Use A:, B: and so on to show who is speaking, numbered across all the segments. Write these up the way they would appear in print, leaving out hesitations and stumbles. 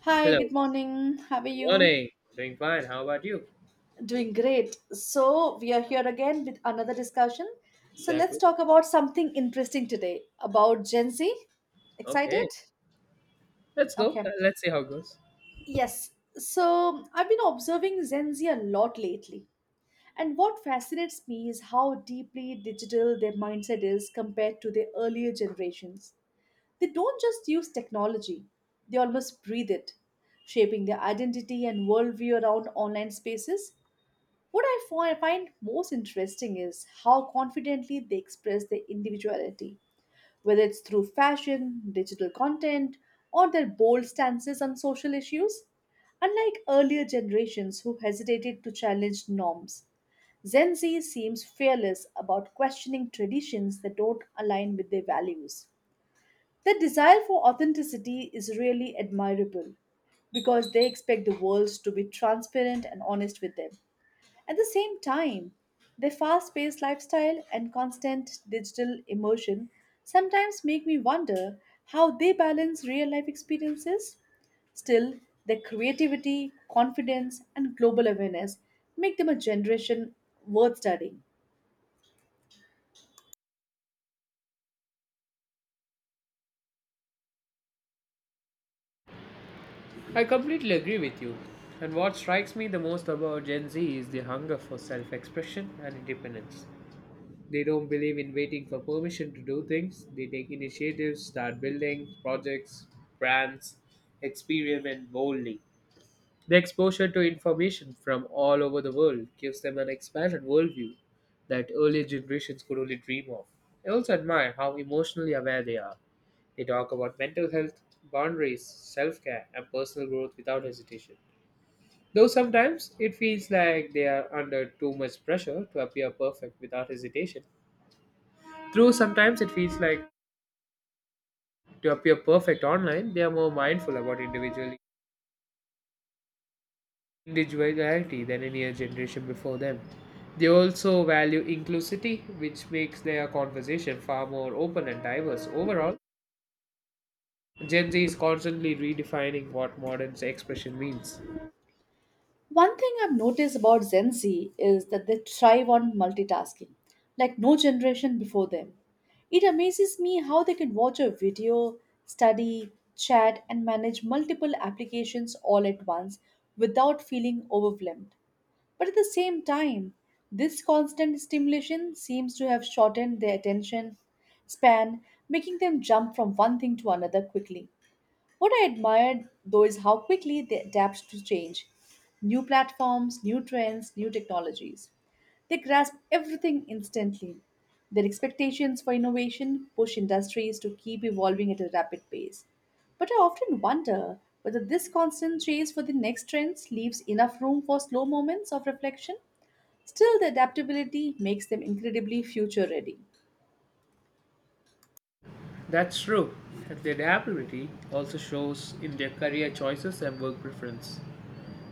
A: Hi,
B: Hello.
A: good morning. How are
B: Good
A: you?
B: morning. Doing fine. How about you?
A: Doing great. So, we are here again with another discussion. So, let's
B: Exactly.
A: talk about something interesting today about Gen Z. Excited?
B: Okay. Let's go.
A: Okay.
B: Let's see how it goes.
A: Yes. So, I've been observing Gen Z a lot lately. And what fascinates me is how deeply digital their mindset is compared to their earlier generations. They don't just use technology, they almost breathe it, shaping their identity and worldview around online spaces. What find most interesting is how confidently they express their individuality, whether it's through fashion, digital content, or their bold stances on social issues. Unlike earlier generations who hesitated to challenge norms, Gen Z seems fearless about questioning traditions that don't align with their values. Their desire for authenticity is really admirable because they expect the world to be transparent and honest with them. At the same time, their fast paced lifestyle and constant digital immersion sometimes make me wonder how they balance real life experiences. Still, their creativity, confidence, and global awareness make them a generation worth studying.
B: I completely agree with you. And what strikes me the most about Gen Z is the hunger for self expression and independence. They don't believe in waiting for permission to do things. They take initiatives, start building projects, brands, experiment boldly. The exposure to information from all over the world gives them an expanded worldview that earlier generations could only dream of. I also admire how emotionally aware they are. They talk about mental health, boundaries, self care, and personal growth without hesitation. Though sometimes it feels like they are under too much pressure to appear perfect without hesitation. Though sometimes it feels like to appear perfect online, they are more mindful about individuality than any other generation before them. They also value inclusivity, which makes their conversation far more open and diverse. Overall, Gen Z is constantly redefining what modern expression means.
A: One thing I've noticed about Gen Z is that they thrive on multitasking, like no generation before them. It amazes me how they can watch a video, study, chat, and manage multiple applications all at once without feeling overwhelmed. But at the same time, this constant stimulation seems to have shortened their attention span, making them jump from one thing to another quickly. What I admire though is how quickly they adapt to change: new platforms, new trends, new technologies. They grasp everything instantly. Their expectations for innovation push industries to keep evolving at a rapid pace. But I often wonder whether this constant chase for the next trends leaves enough room for slow moments of reflection. Still, the adaptability makes them incredibly future ready.
B: That's true. Their adaptability also shows in their career choices and work preference.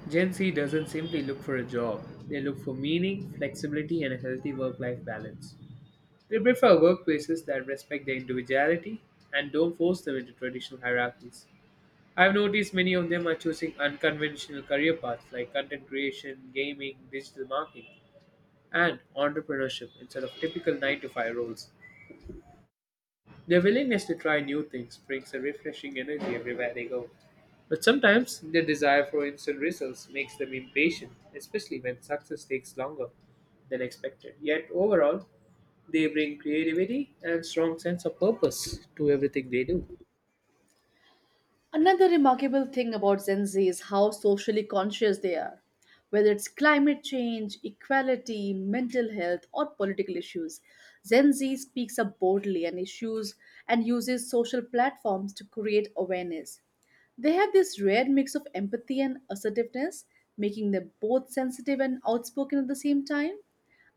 B: Gen Z doesn't simply look for a job, they look for meaning, flexibility, and a healthy work life balance. They prefer workplaces that respect their individuality and don't force them into traditional hierarchies. I've noticed many of them are choosing unconventional career paths like content creation, gaming, digital marketing, and entrepreneurship instead of typical 9 to 5 roles. Their willingness to try new things brings a refreshing energy everywhere they go. But sometimes their desire for instant results makes them impatient, especially when success takes longer than expected. Yet overall, they bring creativity and strong sense of purpose to everything they do.
A: Another remarkable thing about Gen Z is how socially conscious they are. Whether it's climate change, equality, mental health, or political issues, Gen Z speaks up boldly and issues and uses social platforms to create awareness. They have this rare mix of empathy and assertiveness, making them both sensitive and outspoken at the same time.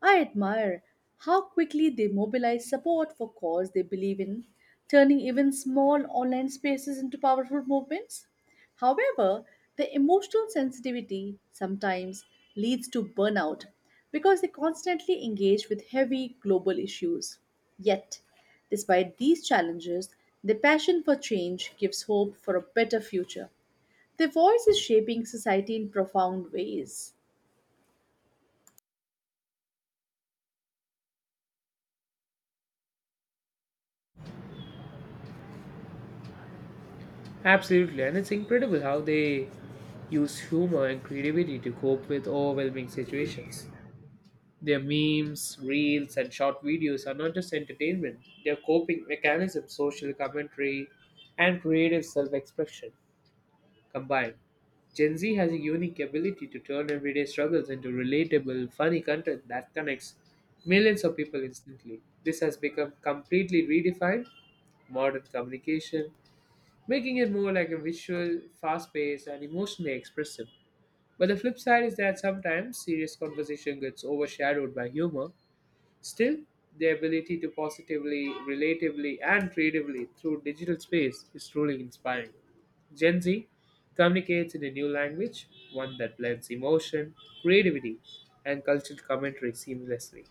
A: I admire how quickly they mobilize support for cause they believe in, turning even small online spaces into powerful movements. However, their emotional sensitivity sometimes leads to burnout because they constantly engage with heavy global issues. Yet, despite these challenges, their passion for change gives hope for a better future. Their voice is shaping society in profound ways.
B: Absolutely, and it's incredible how they use humor and creativity to cope with overwhelming situations. Their memes, reels, and short videos are not just entertainment, they're coping mechanisms, social commentary, and creative self expression combined. Gen Z has a unique ability to turn everyday struggles into relatable, funny content that connects millions of people instantly. This has become completely redefined modern communication making it more like a visual, fast paced, and emotionally expressive. But the flip side is that sometimes serious conversation gets overshadowed by humor. Still, the ability to positively, relatively, and creatively through digital space is truly inspiring. Gen Z communicates in a new language, one that blends emotion, creativity, and cultural commentary seamlessly.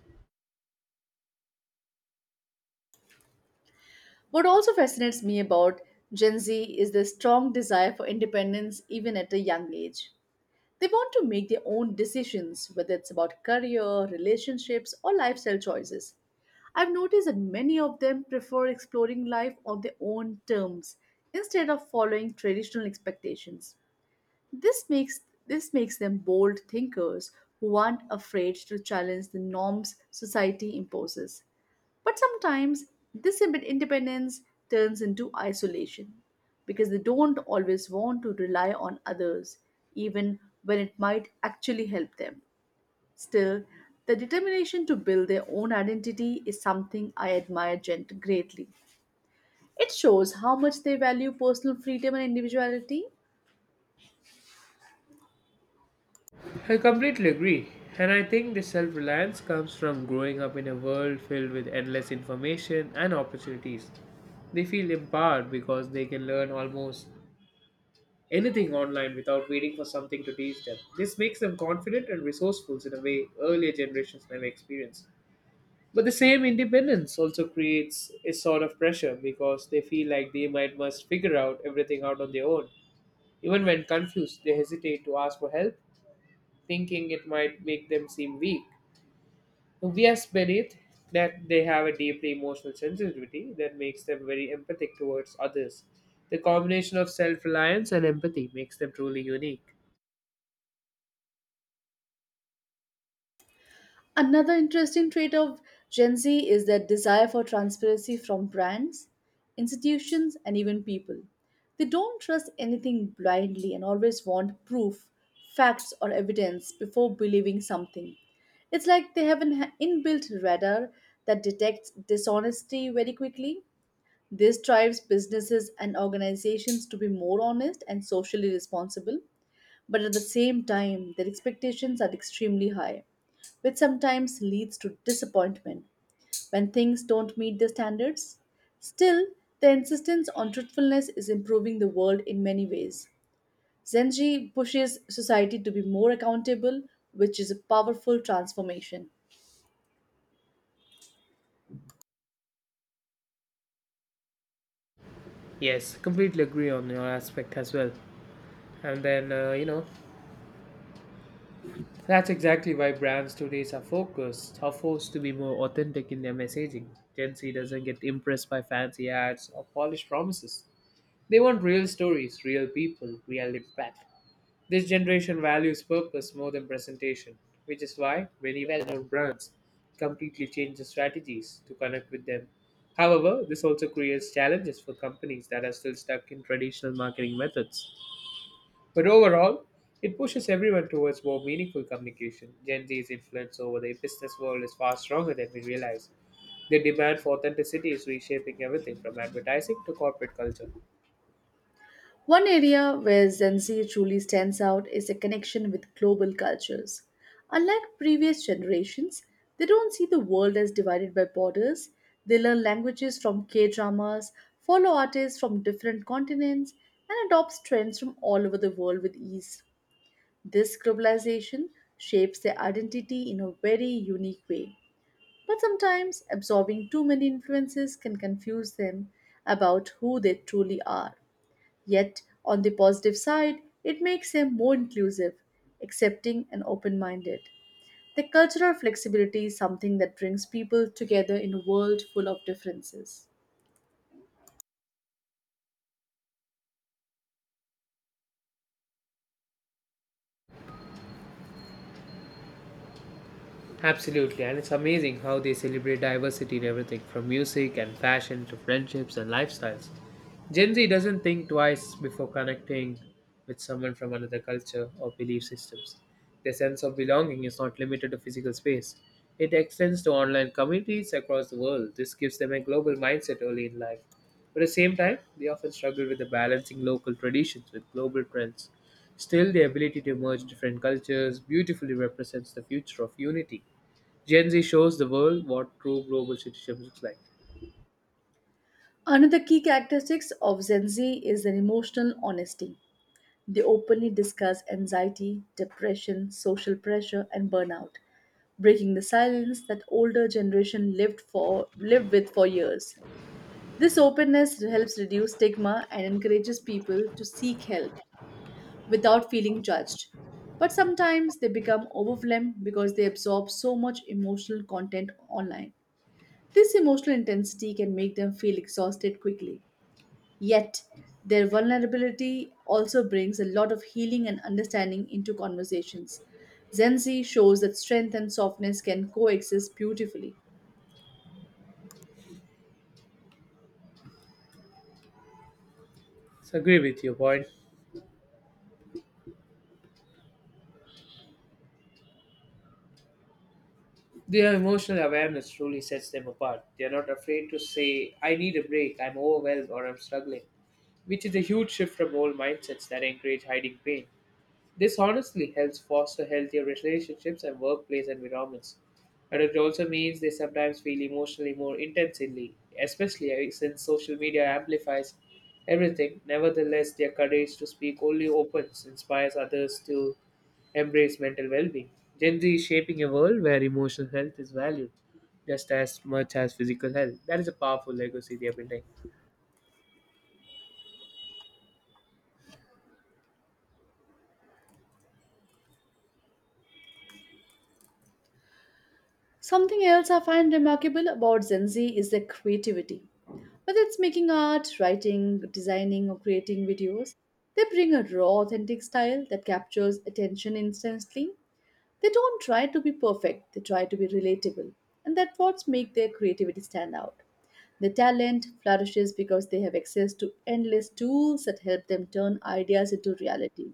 A: What also fascinates me about Gen Z is their strong desire for independence even at a young age. They want to make their own decisions, whether it's about career, relationships, or lifestyle choices. I've noticed that many of them prefer exploring life on their own terms instead of following traditional expectations. This makes this makes them bold thinkers who aren't afraid to challenge the norms society imposes. But sometimes independence turns into isolation because they don't always want to rely on others, even when it might actually help them. Still, the determination to build their own identity is something I admire greatly. It shows how much they value personal freedom and individuality.
B: I completely agree. And I think this self reliance comes from growing up in a world filled with endless information and opportunities. They feel empowered because they can learn almost anything online without waiting for something to teach them. This makes them confident and resourceful in a way earlier generations never experienced. But the same independence also creates a sort of pressure because they feel like they might must figure out everything out on their own. Even when confused, they hesitate to ask for help, thinking it might make them seem weak. We are believed that they have a deeply emotional sensitivity that makes them very empathic towards others. The combination of self reliance and empathy makes them truly unique.
A: Another interesting trait of Gen Z is their desire for transparency from brands, institutions, and even people. They don't trust anything blindly and always want proof, facts, or evidence before believing something. It's like they have an inbuilt radar that detects dishonesty very quickly. This drives businesses and organizations to be more honest and socially responsible, but at the same time, their expectations are extremely high, which sometimes leads to disappointment when things don't meet their standards. Still, the insistence on truthfulness is improving the world in many ways. Zenji pushes society to be more accountable, which is a powerful transformation.
B: Yes, completely agree on your aspect as well. And then, you know, That's exactly why brands today are focused, are forced to be more authentic in their messaging. Gen Z doesn't get impressed by fancy ads or polished promises. They want real stories, real people, real impact. This generation values purpose more than presentation, which is why many well-known brands completely change their strategies to connect with them. However, this also creates challenges for companies that are still stuck in traditional marketing methods. But overall, it pushes everyone towards more meaningful communication. Gen Z's influence over the business world is far stronger than we realize. The demand for authenticity is reshaping everything from advertising to corporate culture.
A: One area where Gen Z truly stands out is a connection with global cultures. Unlike previous generations, they don't see the world as divided by borders. They learn languages from K dramas, follow artists from different continents, and adopt trends from all over the world with ease. This globalization shapes their identity in a very unique way. But sometimes absorbing too many influences can confuse them about who they truly are. Yet, on the positive side, it makes them more inclusive, accepting, and open minded. The cultural flexibility is something that brings people together in a world full of differences.
B: Absolutely, and it's amazing how they celebrate diversity in everything from music and fashion to friendships and lifestyles. Gen Z doesn't think twice before connecting with someone from another culture or belief systems. Their sense of belonging is not limited to physical space, it extends to online communities across the world. This gives them a global mindset early in life. But at the same time, they often struggle with the balancing local traditions with global trends. Still, the ability to merge different cultures beautifully represents the future of unity. Gen Z shows the world what true global citizenship looks like.
A: Another key characteristic of Gen Z is their emotional honesty. They openly discuss anxiety, depression, social pressure, and burnout, breaking the silence that older generation lived with for years. This openness helps reduce stigma and encourages people to seek help without feeling judged. But sometimes they become overwhelmed because they absorb so much emotional content online. This emotional intensity can make them feel exhausted quickly. Yet, their vulnerability also brings a lot of healing and understanding into conversations. Zenzi shows that strength and softness can coexist beautifully.
B: So I agree with your point. Their emotional awareness truly sets them apart. They are not afraid to say, I need a break, I'm overwhelmed, or I'm struggling, which is a huge shift from old mindsets that encourage hiding pain. This honestly helps foster healthier relationships and workplace environments. But it also means they sometimes feel emotionally more intensely, especially since social media amplifies everything. Nevertheless, their courage to speak only opens inspires others to embrace mental well being. Gen Z is shaping a world where emotional health is valued just as much as physical health. That is a powerful legacy they are building.
A: Something else I find remarkable about Gen Z is their creativity. Whether it's making art, writing, designing, or creating videos, they bring a raw, authentic style that captures attention instantly. They don't try to be perfect, they try to be relatable, and that's what makes their creativity stand out. Their talent flourishes because they have access to endless tools that help them turn ideas into reality.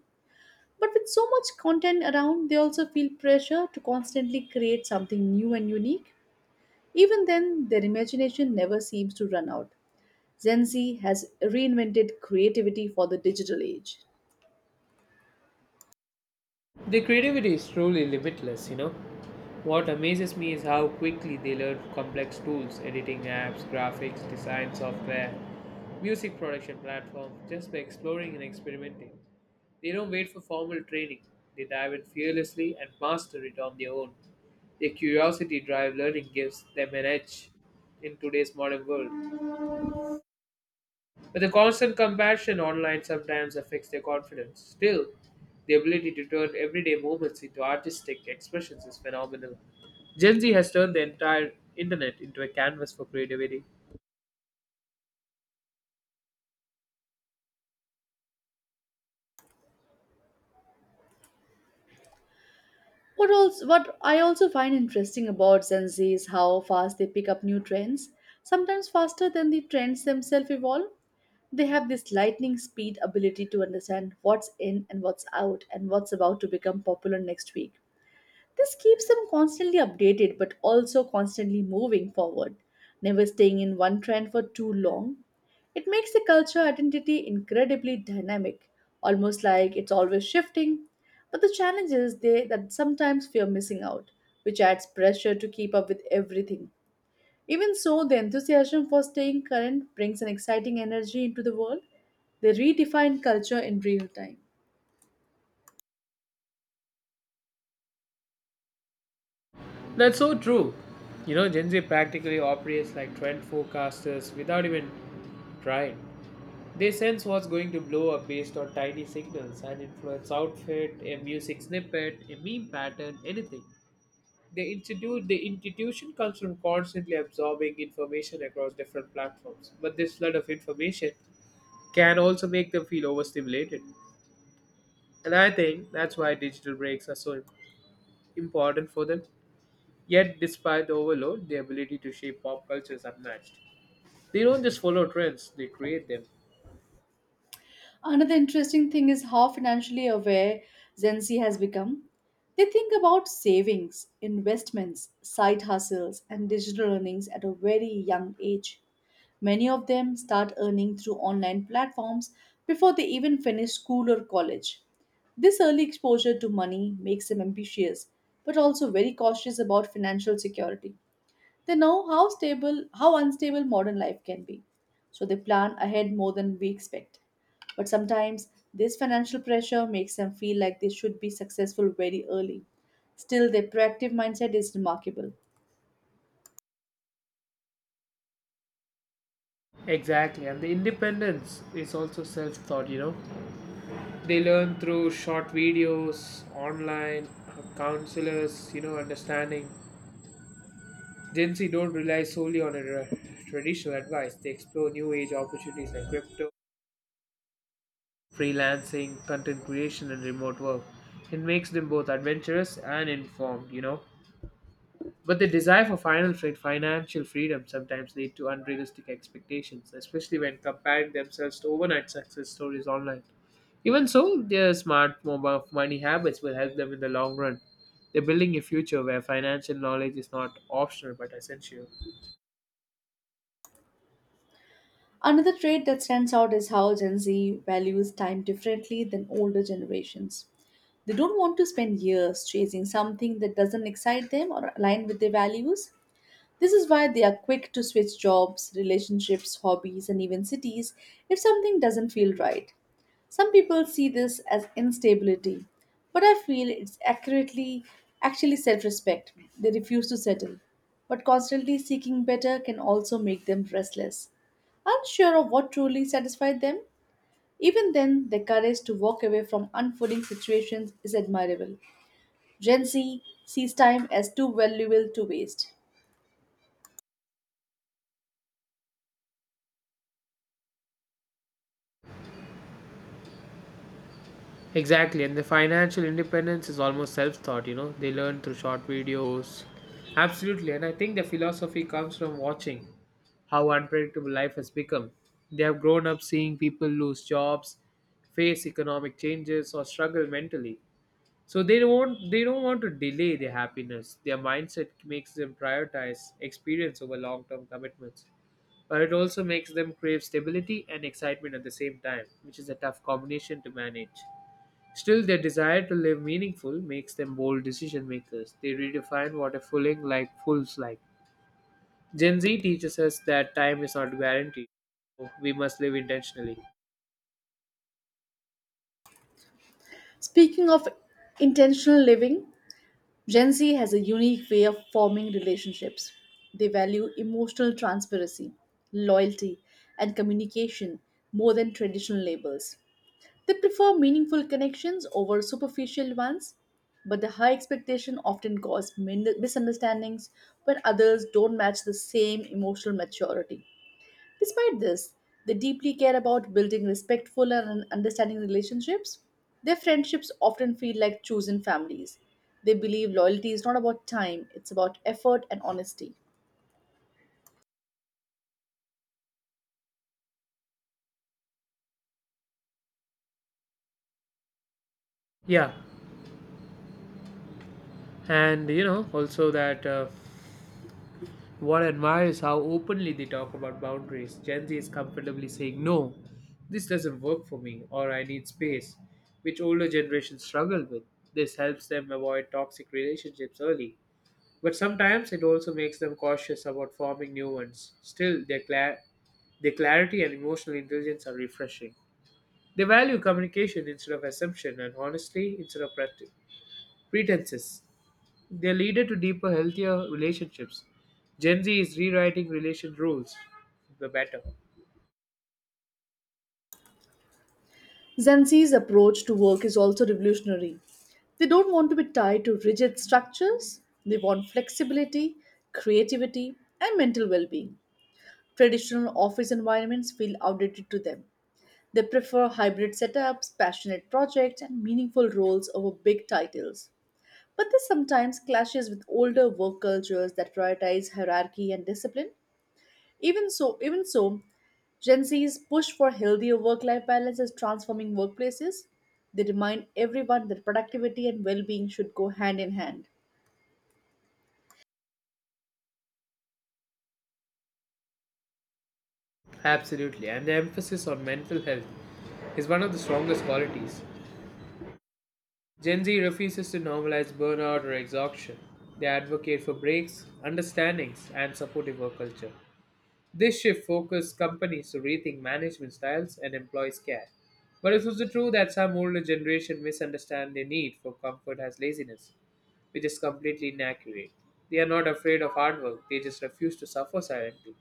A: But with so much content around, they also feel pressure to constantly create something new and unique. Even then, their imagination never seems to run out. Gen Z has reinvented creativity for the digital age.
B: The creativity is truly limitless, you know. What amazes me is how quickly they learn complex tools, editing apps, graphics, design software, music production platforms, just by exploring and experimenting. They don't wait for formal training, they dive in fearlessly and master it on their own. Their curiosity drive learning gives them an edge in today's modern world. But the constant comparison online sometimes affects their confidence. Still, the ability to turn everyday moments into artistic expressions is phenomenal. Gen Z has turned the entire internet into a canvas for creativity.
A: What I also find interesting about Gen Z is how fast they pick up new trends, sometimes faster than the trends themselves evolve. They have this lightning speed ability to understand what's in and what's out and what's about to become popular next week. This keeps them constantly updated but also constantly moving forward, never staying in one trend for too long. It makes the culture identity incredibly dynamic, almost like it's always shifting. But the challenge is that sometimes fear missing out, which adds pressure to keep up with everything. Even so, the enthusiasm for staying current brings an exciting energy into the world. They redefine culture in real time.
B: That's so true. You know, Gen Z practically operates like trend forecasters without even trying. They sense what's going to blow up based on tiny signals and influence outfit, a music snippet, a meme pattern, anything. The institution comes from constantly absorbing information across different platforms, but this flood of information can also make them feel overstimulated. And I think that's why digital breaks are so important for them. Yet, despite the overload, their ability to shape pop culture is unmatched. They don't just follow trends, they create them.
A: Another interesting thing is how financially aware Gen Z has become. They think about savings, investments, side hustles, and digital earnings at a very young age. Many of them start earning through online platforms before they even finish school or college. This early exposure to money makes them ambitious, but also very cautious about financial security. They know how stable, how unstable modern life can be. So they plan ahead more than we expect. But sometimes this financial pressure makes them feel like they should be successful very early. Still, their proactive mindset is remarkable.
B: Exactly, and the independence is also self taught, you know. They learn through short videos, online counselors, you know, understanding. Gen Z don't rely solely on a traditional advice. They explore new age opportunities like crypto, freelancing, content creation, and remote work. It makes them both adventurous and informed, you know. But the desire for financial freedom sometimes lead to unrealistic expectations, especially when comparing themselves to overnight success stories online. Even so, their smart mobile money habits will help them in the long run. They're building a future where financial knowledge is not optional but essential.
A: Another trait that stands out is how Gen Z values time differently than older generations. They don't want to spend years chasing something that doesn't excite them or align with their values. This is why they are quick to switch jobs, relationships, hobbies, and even cities if something doesn't feel right. Some people see this as instability, but I feel it's accurately actually self respect. They refuse to settle, but constantly seeking better can also make them restless, unsure of what truly satisfied them. Even then, their courage to walk away from unfolding situations is admirable. Gen Z sees time as too valuable to waste.
B: Exactly, and the financial independence is almost self taught, you know, they learn through short videos. Absolutely, and I think the philosophy comes from watching how unpredictable life has become. They have grown up seeing people lose jobs, face economic changes, or struggle mentally. So they don't want to delay their happiness. Their mindset makes them prioritize experience over long term commitments. But it also makes them crave stability and excitement at the same time, which is a tough combination to manage. Still, their desire to live meaningful makes them bold decision makers. They redefine what a fooling like fools like. Gen Z teaches us that time is not guaranteed. We must live intentionally.
A: Speaking of intentional living, Gen Z has a unique way of forming relationships. They value emotional transparency, loyalty, and communication more than traditional labels. They prefer meaningful connections over superficial ones, but the high expectation often causes misunderstandings when others don't match the same emotional maturity. Despite this, they deeply care about building respectful and understanding relationships. Their friendships often feel like chosen families. They believe loyalty is not about time, it's about effort and honesty.
B: Yeah, and you know also that what I admire is how openly they talk about boundaries. Gen Z is comfortably saying no, this doesn't work for me, or I need space, which older generations struggle with. This helps them avoid toxic relationships early. But sometimes it also makes them cautious about forming new ones. Still, their clarity and emotional intelligence are refreshing. They value communication instead of assumption and honesty instead of pretenses. They lead to deeper, healthier relationships. Gen Z is rewriting relation rules for the better.
A: Zanzi's approach to work is also revolutionary. They don't want to be tied to rigid structures, they want flexibility, creativity, and mental well being. Traditional office environments feel outdated to them. They prefer hybrid setups, passionate projects, and meaningful roles over big titles. But this sometimes clashes with older work cultures that prioritize hierarchy and discipline. Even so, Gen Z's push for healthier work-life balance is transforming workplaces. They remind everyone that productivity and well-being should go hand in hand.
B: Absolutely, and the emphasis on mental health is one of the strongest qualities. Gen Z refuses to normalize burnout or exhaustion. They advocate for breaks, understandings, and supportive work culture. This shift forces companies to rethink management styles and employees' care. But it's also true that some older generation misunderstand their need for comfort as laziness, which is completely inaccurate. They are not afraid of hard work, they just refuse to suffer silently.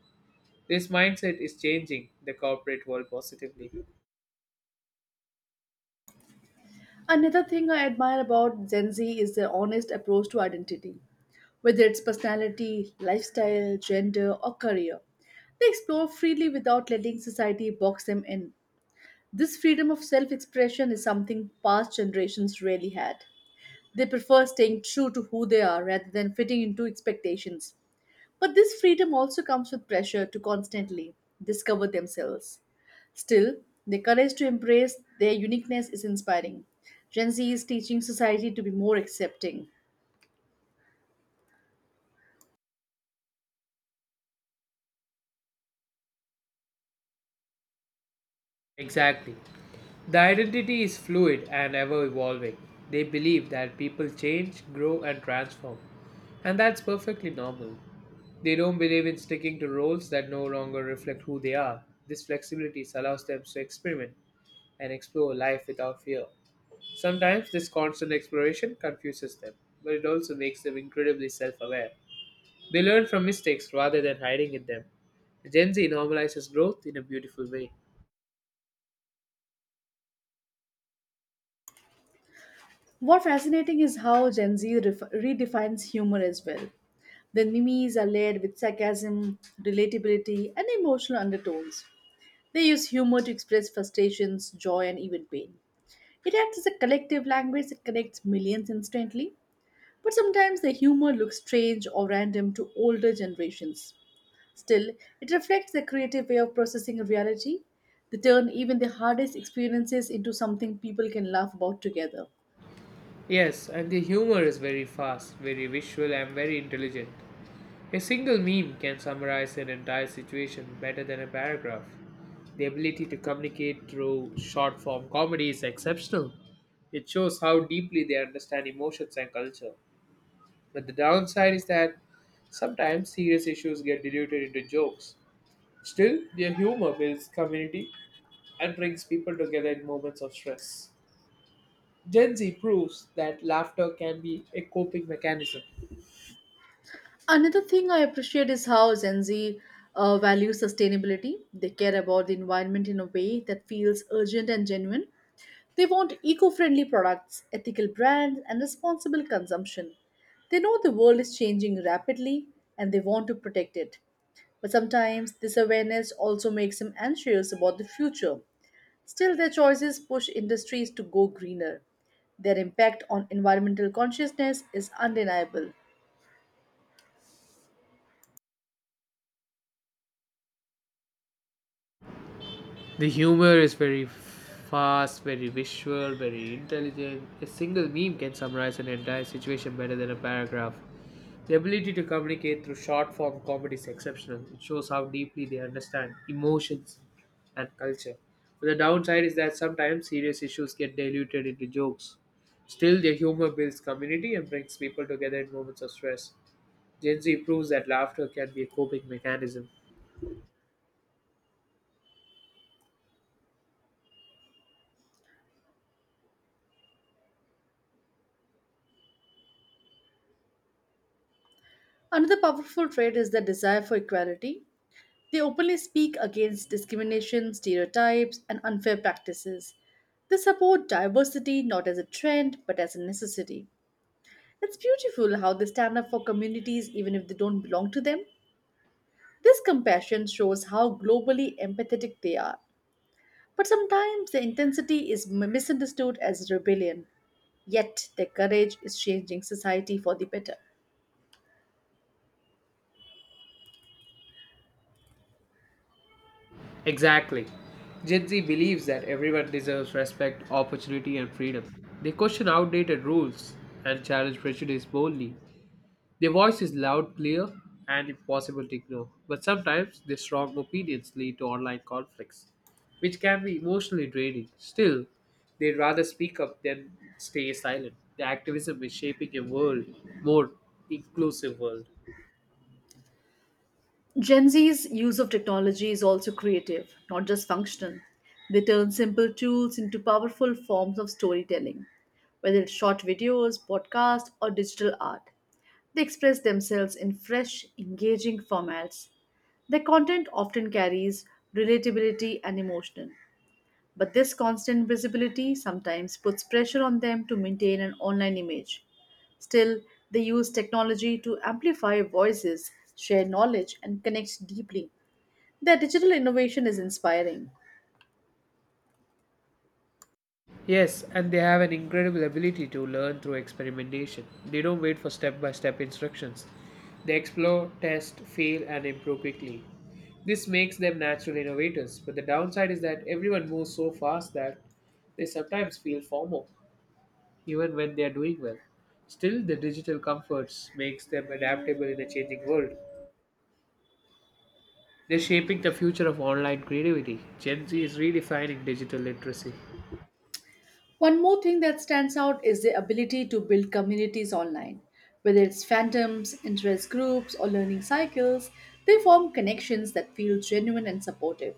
B: This mindset is changing the corporate world positively.
A: Another thing I admire about Gen Z is their honest approach to identity, whether it's personality, lifestyle, gender, or career. They explore freely without letting society box them in. This freedom of self expression is something past generations rarely had. They prefer staying true to who they are rather than fitting into expectations. But this freedom also comes with pressure to constantly discover themselves. Still, the courage to embrace their uniqueness is inspiring. Gen Z is teaching society to be more accepting.
B: Exactly. The identity is fluid and ever evolving. They believe that people change, grow, and transform. And that's perfectly normal. They don't believe in sticking to roles that no longer reflect who they are. This flexibility allows them to experiment and explore life without fear. Sometimes this constant exploration confuses them, but it also makes them incredibly self aware. They learn from mistakes rather than hiding in them. Gen Z normalizes growth in a beautiful way.
A: What fascinating is how redefines humor as well. The memes are layered with sarcasm, relatability, and emotional undertones. They use humor to express frustrations, joy, and even pain. It acts as a collective language that connects millions instantly. But sometimes their humor looks strange or random to older generations. Still, it reflects their creative way of processing reality. They turn even the hardest experiences into something people can laugh about together.
B: Yes, and the humor is very fast, very visual, and very intelligent. A single meme can summarize an entire situation better than a paragraph. The ability to communicate through short form comedy is exceptional. It shows how deeply they understand emotions and culture. But the downside is that sometimes serious issues get diluted into jokes. Still, their humor builds community and brings people together in moments of stress. Gen Z proves that laughter can be a coping mechanism.
A: Another thing I appreciate is how Gen Z values sustainability. They care about the environment in a way that feels urgent and genuine. They want eco friendly products, ethical brands, and responsible consumption. They know the world is changing rapidly and they want to protect it. But sometimes this awareness also makes them anxious about the future. Still, their choices push industries to go greener. Their impact on environmental consciousness is undeniable.
B: The humor is very fast, very visual, very intelligent. A single meme can summarize an entire situation better than a paragraph. The ability to communicate through short form comedy is exceptional. It shows how deeply they understand emotions and culture. But the downside is that sometimes serious issues get diluted into jokes. Still, their humor builds community and brings people together in moments of stress. Gen Z proves that laughter can be a coping mechanism.
A: Another powerful trait is their desire for equality. They openly speak against discrimination, stereotypes, and unfair practices. They support diversity not as a trend but as a necessity. It's beautiful how they stand up for communities even if they don't belong to them. This compassion shows how globally empathetic they are. But sometimes their intensity is misunderstood as rebellion, yet their courage is changing society for the better.
B: Exactly. Gen Z believes that everyone deserves respect, opportunity, and freedom. They question outdated rules and challenge prejudice boldly. Their voice is loud, clear, and impossible to ignore. But sometimes their strong opinions lead to online conflicts, which can be emotionally draining. Still, they'd rather speak up than stay silent. Their activism is shaping a world, more inclusive world.
A: Gen Z's use of technology is also creative, not just functional. They turn simple tools into powerful forms of storytelling, whether it's short videos, podcasts, or digital art. They express themselves in fresh, engaging formats. Their content often carries relatability and emotion, but this constant visibility sometimes puts pressure on them to maintain an online image. Still, they use technology to amplify voices, share knowledge, and connect deeply. Their digital innovation is inspiring.
B: Yes, and they have an incredible ability to learn through experimentation. They don't wait for step by step instructions. They explore, test, fail, and improve quickly. This makes them natural innovators, but the downside is that everyone moves so fast that they sometimes feel formal, even when they are doing well. Still, the digital comforts makes them adaptable in a changing world. They're shaping the future of online creativity. Gen Z is redefining digital literacy.
A: One more thing that stands out is the ability to build communities online. Whether it's fandoms, interest groups, or learning cycles, they form connections that feel genuine and supportive.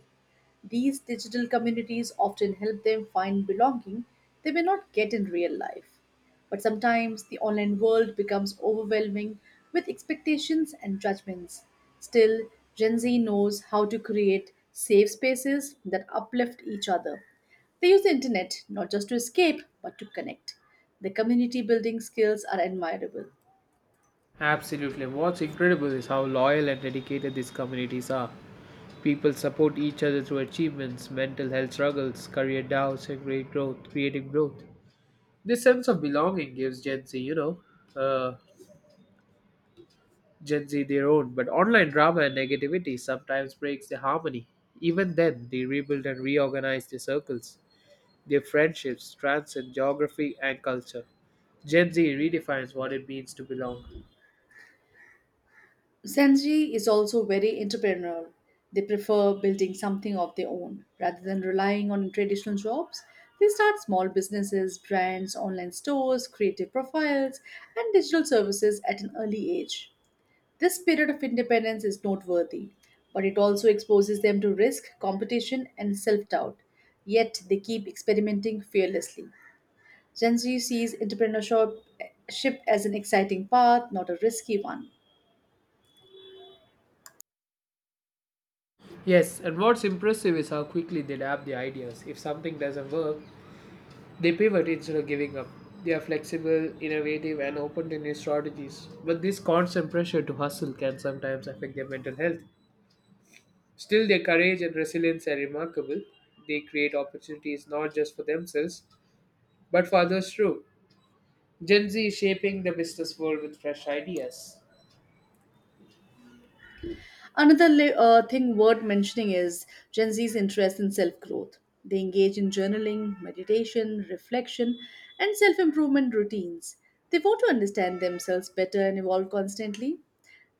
A: These digital communities often help them find belonging they may not get in real life. But sometimes the online world becomes overwhelming with expectations and judgments. Still, Gen Z knows how to create safe spaces that uplift each other. They use the internet not just to escape but to connect. The community building skills are admirable.
B: Absolutely. What's incredible is how loyal and dedicated these communities are. People support each other through achievements, mental health struggles, career doubts, and great growth, creative growth. This sense of belonging gives Gen Z, uh, Gen Z their own. But online drama and negativity sometimes breaks the harmony. Even then, they rebuild and reorganize their circles, their friendships, transcend geography and culture. Gen Z redefines what it means to belong.
A: Gen Z is also very entrepreneurial. They prefer building something of their own rather than relying on traditional jobs. They start small businesses, brands, online stores, creative profiles, and digital services at an early age. This period of independence is noteworthy, but it also exposes them to risk, competition, and self doubt. Yet they keep experimenting fearlessly. Gen Z sees entrepreneurship as an exciting path, not a risky one.
B: Yes, and what's impressive is how quickly they adapt the ideas. If something doesn't work, they pivot instead of giving up. They are flexible, innovative, and open to new strategies. But this constant pressure to hustle can sometimes affect their mental health. Still, their courage and resilience are remarkable. They create opportunities not just for themselves, but for others too. Gen Z is shaping the business world with fresh ideas.
A: Another thing worth mentioning is Gen Z's interest in self growth. They engage in journaling, meditation, reflection, and self improvement routines. They want to understand themselves better and evolve constantly.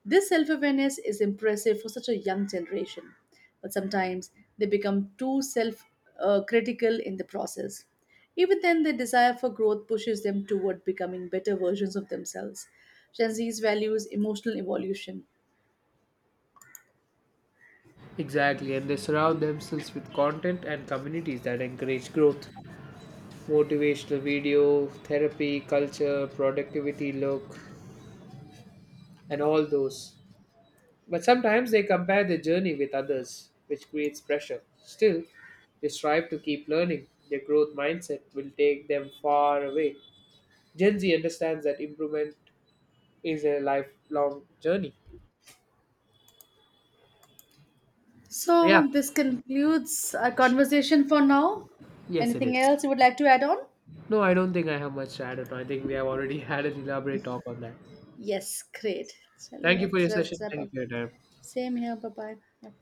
A: This self awareness is impressive for such a young generation, but sometimes they become too self critical in the process. Even then, their desire for growth pushes them toward becoming better versions of themselves. Gen Z's values emotional evolution.
B: Exactly, and they surround themselves with content and communities that encourage growth. Motivational video, therapy, culture, productivity look, and all those. But sometimes they compare their journey with others, which creates pressure. Still, they strive to keep learning. Their growth mindset will take them far away. Gen Z understands that improvement is a lifelong journey. Yeah,
A: So this concludes our conversation for now.
B: yes, it is.
A: Anything else you would like to add on?
B: No, I don't think I have much to add on. I think we have already had an elaborate talk on that.
A: Yes, great. So
B: Thank you for your
A: let's,
B: session.
A: let's wrap
B: Thank you
A: up.
B: for your time.
A: Same here. Bye bye.